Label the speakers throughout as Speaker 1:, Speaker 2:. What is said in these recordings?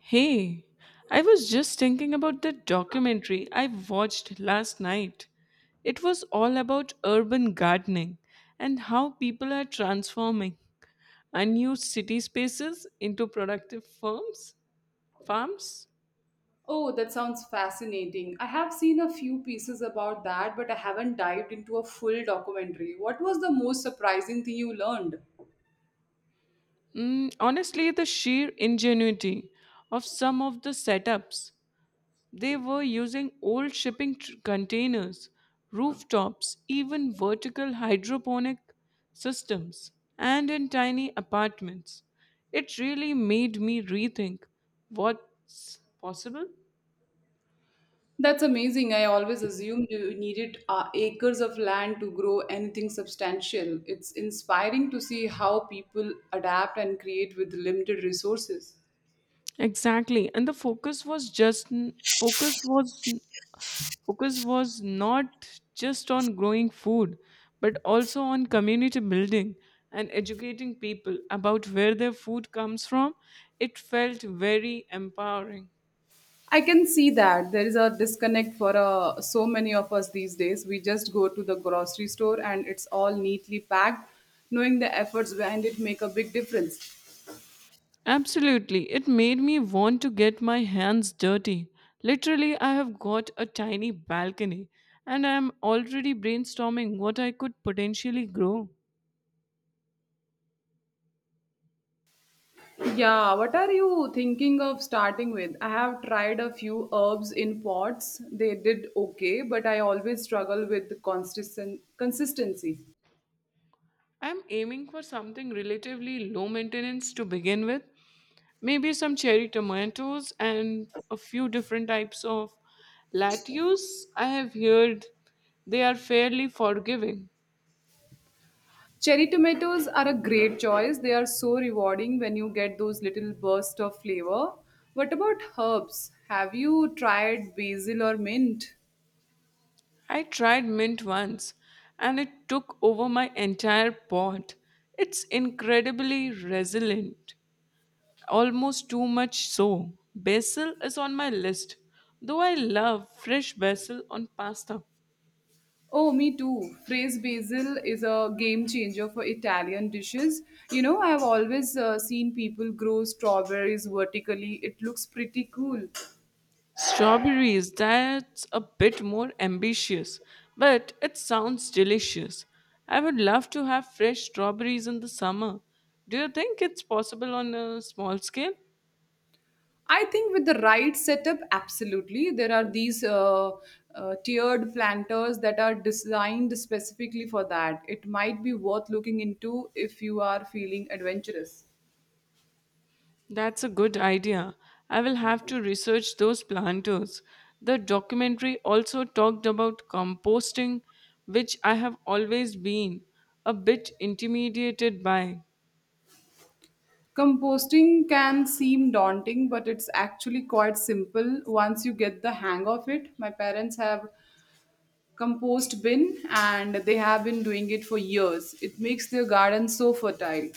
Speaker 1: Hey, I was just thinking about that documentary I watched last night. It was all about urban gardening and how people are transforming unused city spaces into productive farms.
Speaker 2: Oh, that sounds fascinating. I have seen a few pieces about that, but I haven't dived into a full documentary. What was the most surprising thing you learned?
Speaker 1: Honestly, the sheer ingenuity of some of the setups. They were using old containers, rooftops, even vertical hydroponic systems, and in tiny apartments. It really made me rethink what's possible.
Speaker 2: That's amazing. I always assumed you needed acres of land to grow anything substantial. It's inspiring to see how people adapt and create with limited resources.
Speaker 1: Exactly, and the focus was just focus was focus was not just on growing food, but also on community building and educating people about where their food comes from. It felt very empowering.
Speaker 2: I can see that there is a disconnect for so many of us these days. We just go to the grocery store and it's all neatly packed. Knowing the efforts behind it make a big difference.
Speaker 1: Absolutely, it made me want to get my hands dirty. Literally, I have got a tiny balcony and I am already brainstorming what I could potentially grow.
Speaker 2: Yeah, what are you thinking of starting with? I have tried a few herbs in pots. They did okay, but I always struggle with the consistent consistency.
Speaker 1: I am aiming for something relatively low maintenance to begin with, maybe some cherry tomatoes and a few different types of lettuce. I have heard they are fairly forgiving.
Speaker 2: Cherry tomatoes are a great choice. They are so rewarding when you get those little bursts of flavor. What about herbs? Have you tried basil or mint?
Speaker 1: I tried mint once and it took over my entire pot. It's incredibly resilient, almost too much so. Basil is on my list, though I love fresh basil on pasta.
Speaker 2: Oh, me too. Phrase basil is a game changer for Italian dishes. You know, I have always seen people grow strawberries vertically. It looks pretty cool.
Speaker 1: Strawberries, that's a bit more ambitious, but it sounds delicious. I would love to have fresh strawberries in the summer. Do you think it's possible on a small scale?
Speaker 2: I think with the right setup, absolutely. There are these tiered planters that are designed specifically for that. It might be worth looking into if you are feeling adventurous.
Speaker 1: That's a good idea. I will have to research those planters. The documentary also talked about composting, which I have always been a bit intimidated by.
Speaker 2: Composting can seem daunting, but it's actually quite simple once you get the hang of it. My parents have compost bin and they have been doing it for years. It makes their garden so fertile.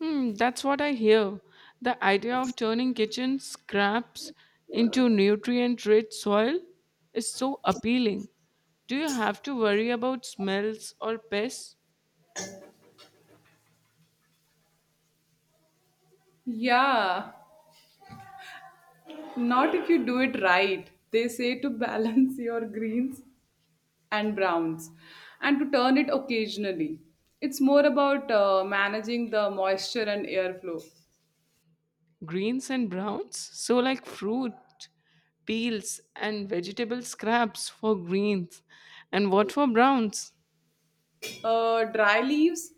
Speaker 1: Hmm, that's what I hear. The idea of turning kitchen scraps into nutrient rich soil is so appealing. Do you have to worry about smells or pests?
Speaker 2: Yeah. Not if you do it right. They say to balance your greens and browns and to turn it occasionally. It's more about managing the moisture and airflow.
Speaker 1: Greens and browns? So, like fruit, peels, and vegetable scraps for greens. And what for browns?
Speaker 2: Dry leaves,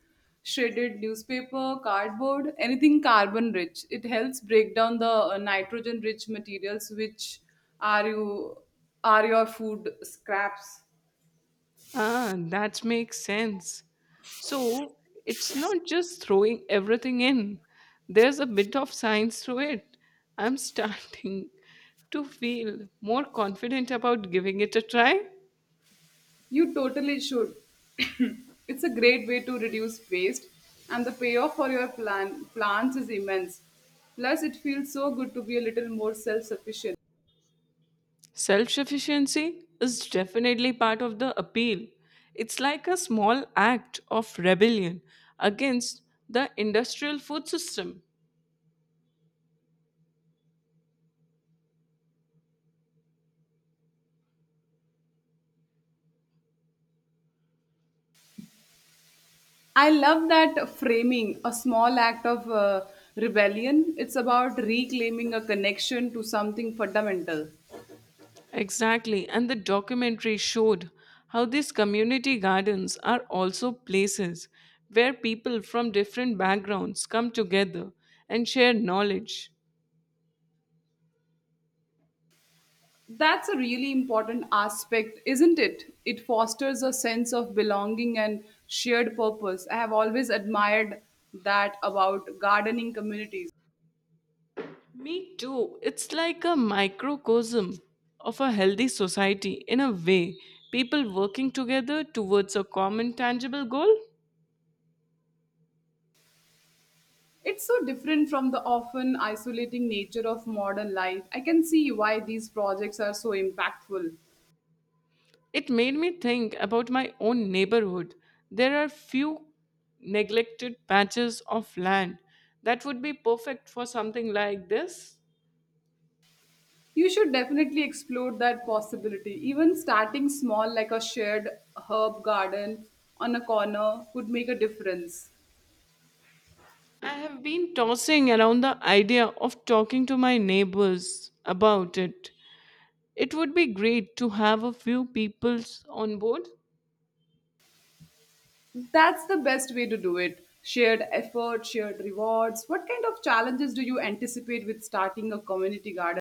Speaker 2: shredded newspaper, cardboard, anything carbon rich. It helps break down the nitrogen rich materials which are you are your food scraps.
Speaker 1: Ah, that makes sense. So it's not just throwing everything in, there's a bit of science to it. I'm starting to feel more confident about giving it a try.
Speaker 2: You totally should. It's a great way to reduce waste, and the payoff for your plants is immense. Plus, it feels so good to be a little more self sufficient.
Speaker 1: Self sufficiency is definitely part of the appeal. It's like a small act of rebellion against the industrial food system.
Speaker 2: I love that framing, a small act of rebellion. It's about reclaiming a connection to something fundamental.
Speaker 1: Exactly, and the documentary showed how these community gardens are also places where people from different backgrounds come together and share knowledge.
Speaker 2: That's a really important aspect, isn't it? It fosters a sense of belonging and shared purpose. I have always admired that about gardening communities.
Speaker 1: Me too, it's like a microcosm of a healthy society in a way, people working together towards a common tangible goal.
Speaker 2: It's so different from the often isolating nature of modern life. I can see why these projects are so impactful.
Speaker 1: It made me think about my own neighborhood. There are few neglected patches of land that would be perfect for something like this.
Speaker 2: You should definitely explore that possibility. Even starting small, like a shared herb garden on a corner, could make a difference.
Speaker 1: I have been tossing around the idea of talking to my neighbors about it. It would be great to have a few peoples on board.
Speaker 2: That's the best way to do it. Shared effort, shared rewards. What kind of challenges do you anticipate with starting a community garden?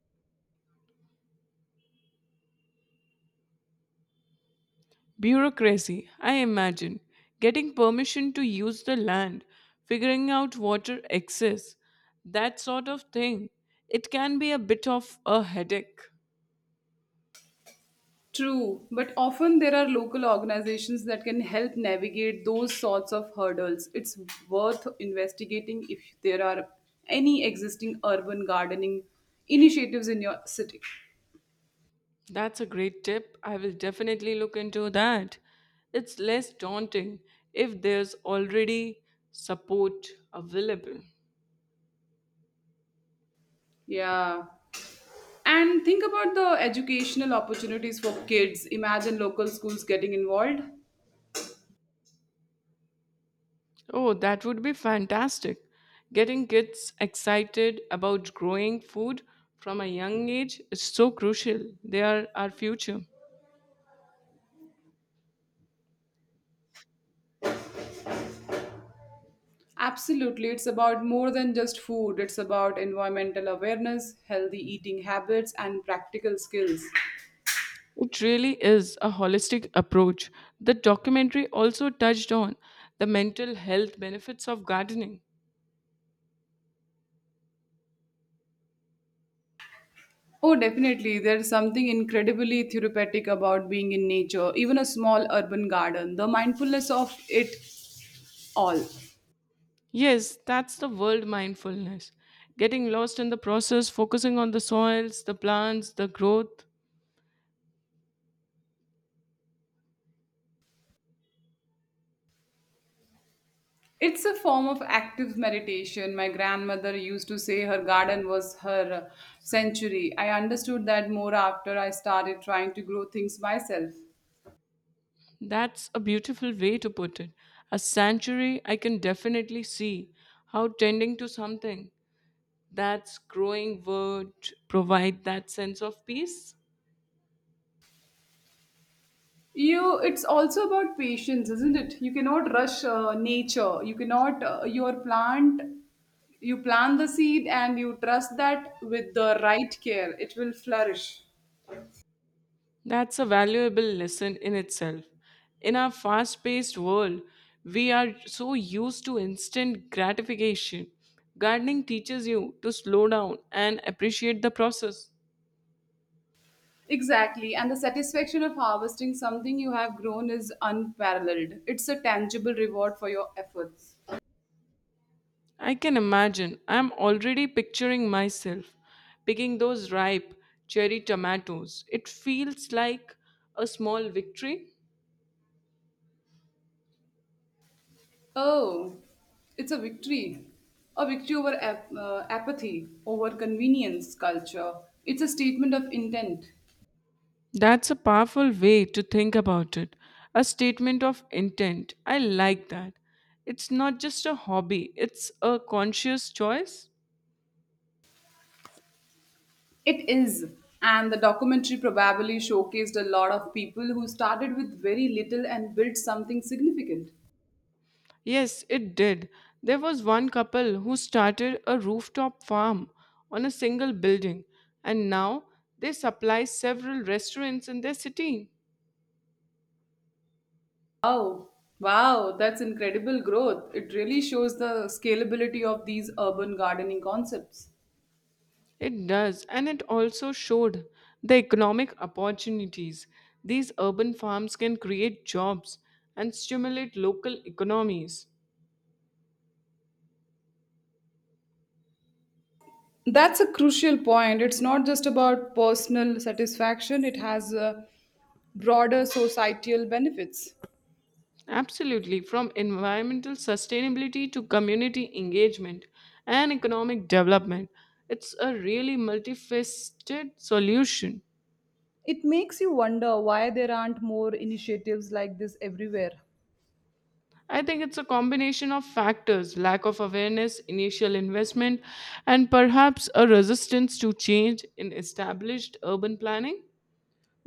Speaker 1: Bureaucracy, I imagine. Getting permission to use the land, figuring out water access, that sort of thing. It can be a bit of a headache.
Speaker 2: True, but often there are local organizations that can help navigate those sorts of hurdles. It's worth investigating if there are any existing urban gardening initiatives in your city.
Speaker 1: That's a great tip. I will definitely look into that. It's less daunting if there's already support available.
Speaker 2: Yeah. And think about the educational opportunities for kids. Imagine local schools getting involved.
Speaker 1: Oh, that would be fantastic. Getting kids excited about growing food from a young age is so crucial. They are our future.
Speaker 2: Absolutely. It's about more than just food, it's about environmental awareness, healthy eating habits, and practical skills.
Speaker 1: It really is a holistic approach. The documentary also touched on the mental health benefits of gardening.
Speaker 2: Oh, definitely. There's something incredibly therapeutic about being in nature, even a small urban garden, the mindfulness of it all.
Speaker 1: Yes, that's the world mindfulness. Getting lost in the process, focusing on the soils, the plants, the growth.
Speaker 2: It's a form of active meditation. My grandmother used to say her garden was her sanctuary. I understood that more after I started trying to grow things myself.
Speaker 1: That's a beautiful way to put it. A sanctuary, I can definitely see how tending to something that's growing would provide that sense of peace.
Speaker 2: You, it's also about patience, isn't it? You cannot rush nature. You cannot you plant the seed and you trust that with the right care it will flourish.
Speaker 1: That's a valuable lesson in itself. In our fast paced world, we are so used to instant gratification. Gardening teaches you to slow down and appreciate the process.
Speaker 2: Exactly, and the satisfaction of harvesting something you have grown is unparalleled. It's a tangible reward for your efforts.
Speaker 1: I can imagine, I'm already picturing myself picking those ripe cherry tomatoes. It feels like a small victory.
Speaker 2: Oh, it's a victory, a victory over apathy, over convenience culture. It's a statement of intent.
Speaker 1: That's a powerful way to think about it. A statement of intent. I like that. It's not just a hobby, it's a conscious choice.
Speaker 2: It is. And the documentary probably showcased a lot of people who started with very little and built something significant.
Speaker 1: Yes, it did. There was one couple who started a rooftop farm on a single building, and now they supply several restaurants in their city.
Speaker 2: Wow, wow, that's incredible growth. It really shows the scalability of these urban gardening concepts.
Speaker 1: It does, and it also showed the economic opportunities these urban farms can create jobs and stimulate local economies.
Speaker 2: That's a crucial point. It's not just about personal satisfaction, it has broader societal benefits.
Speaker 1: Absolutely, from environmental sustainability to community engagement and economic development, it's a really multifaceted solution.
Speaker 2: It makes you wonder why there aren't more initiatives like this everywhere.
Speaker 1: I think it's a combination of factors lack of awareness, initial investment, and perhaps a resistance to change in established urban planning.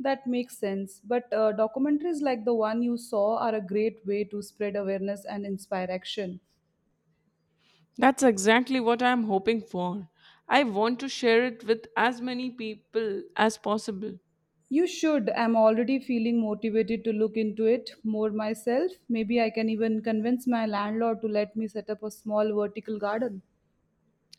Speaker 2: That makes sense. But documentaries like the one you saw are a great way to spread awareness and inspire action.
Speaker 1: That's exactly what I'm hoping for. I want to share it with as many people as possible.
Speaker 2: You should. I'm already feeling motivated to look into it more myself. Maybe I can even convince my landlord to let me set up a small vertical garden.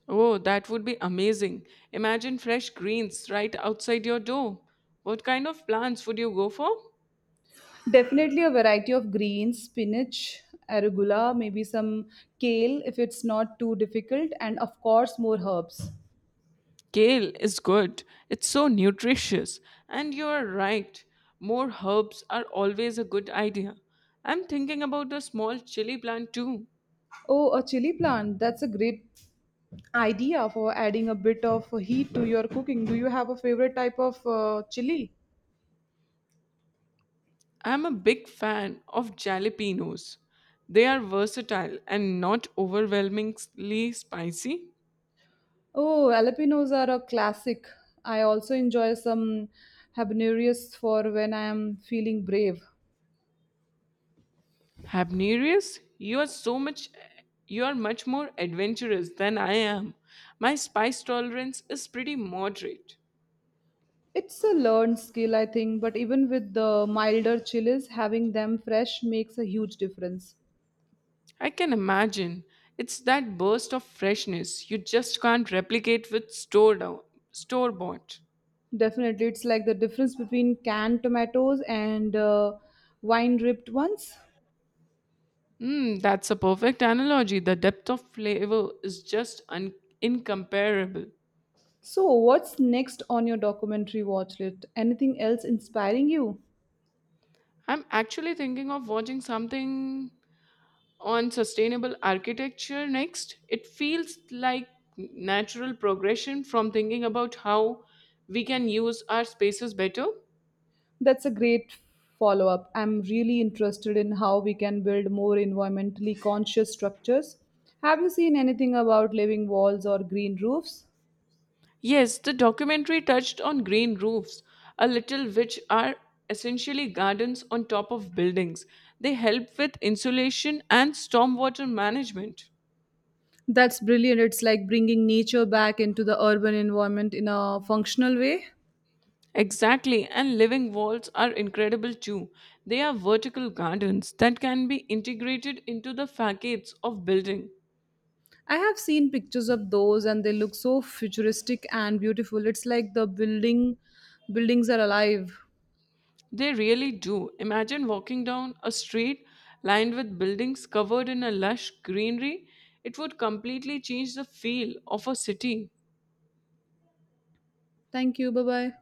Speaker 1: Oh, that would be amazing. Imagine fresh greens right outside your door. What kind of plants would you go for?
Speaker 2: Definitely a variety of greens, spinach, arugula, maybe some kale if it's not too difficult, and of course, more herbs.
Speaker 1: Kale is good. It's so nutritious. And you are right. More herbs are always a good idea. I'm thinking about a small chili plant too.
Speaker 2: Oh, a chili plant. That's a great idea for adding a bit of heat to your cooking. Do you have a favorite type of chili?
Speaker 1: I'm a big fan of jalapenos. They are versatile and not overwhelmingly spicy.
Speaker 2: Oh, jalapenos are a classic. I also enjoy some habaneros for when I am feeling brave.
Speaker 1: Habnerius, you are much more adventurous than I am. My spice tolerance is pretty moderate.
Speaker 2: It's a learned skill, I think, but even with the milder chilies, having them fresh makes a huge difference.
Speaker 1: I can imagine. It's that burst of freshness you just can't replicate with store bought.
Speaker 2: Definitely, it's like the difference between canned tomatoes and wine ripped ones.
Speaker 1: Mm, that's a perfect analogy. The depth of flavor is just incomparable.
Speaker 2: So, what's next on your documentary watch list? Anything else inspiring you?
Speaker 1: I'm actually thinking of watching something on sustainable architecture next. It feels like natural progression from thinking about how we can use our spaces better.
Speaker 2: That's a great follow up. I'm really interested in how we can build more environmentally conscious structures. Have you seen anything about living walls or green roofs?
Speaker 1: Yes, the documentary touched on green roofs a little, which are essentially gardens on top of buildings. They help with insulation and stormwater management.
Speaker 2: That's brilliant. It's like bringing nature back into the urban environment in a functional way.
Speaker 1: Exactly, and living walls are incredible too. They are vertical gardens that can be integrated into the facades of building.
Speaker 2: I have seen pictures of those and they look so futuristic and beautiful. It's like the buildings are alive.
Speaker 1: They really do. Imagine walking down a street lined with buildings covered in a lush greenery. It would completely change the feel of a city.
Speaker 2: Thank you. Bye-bye.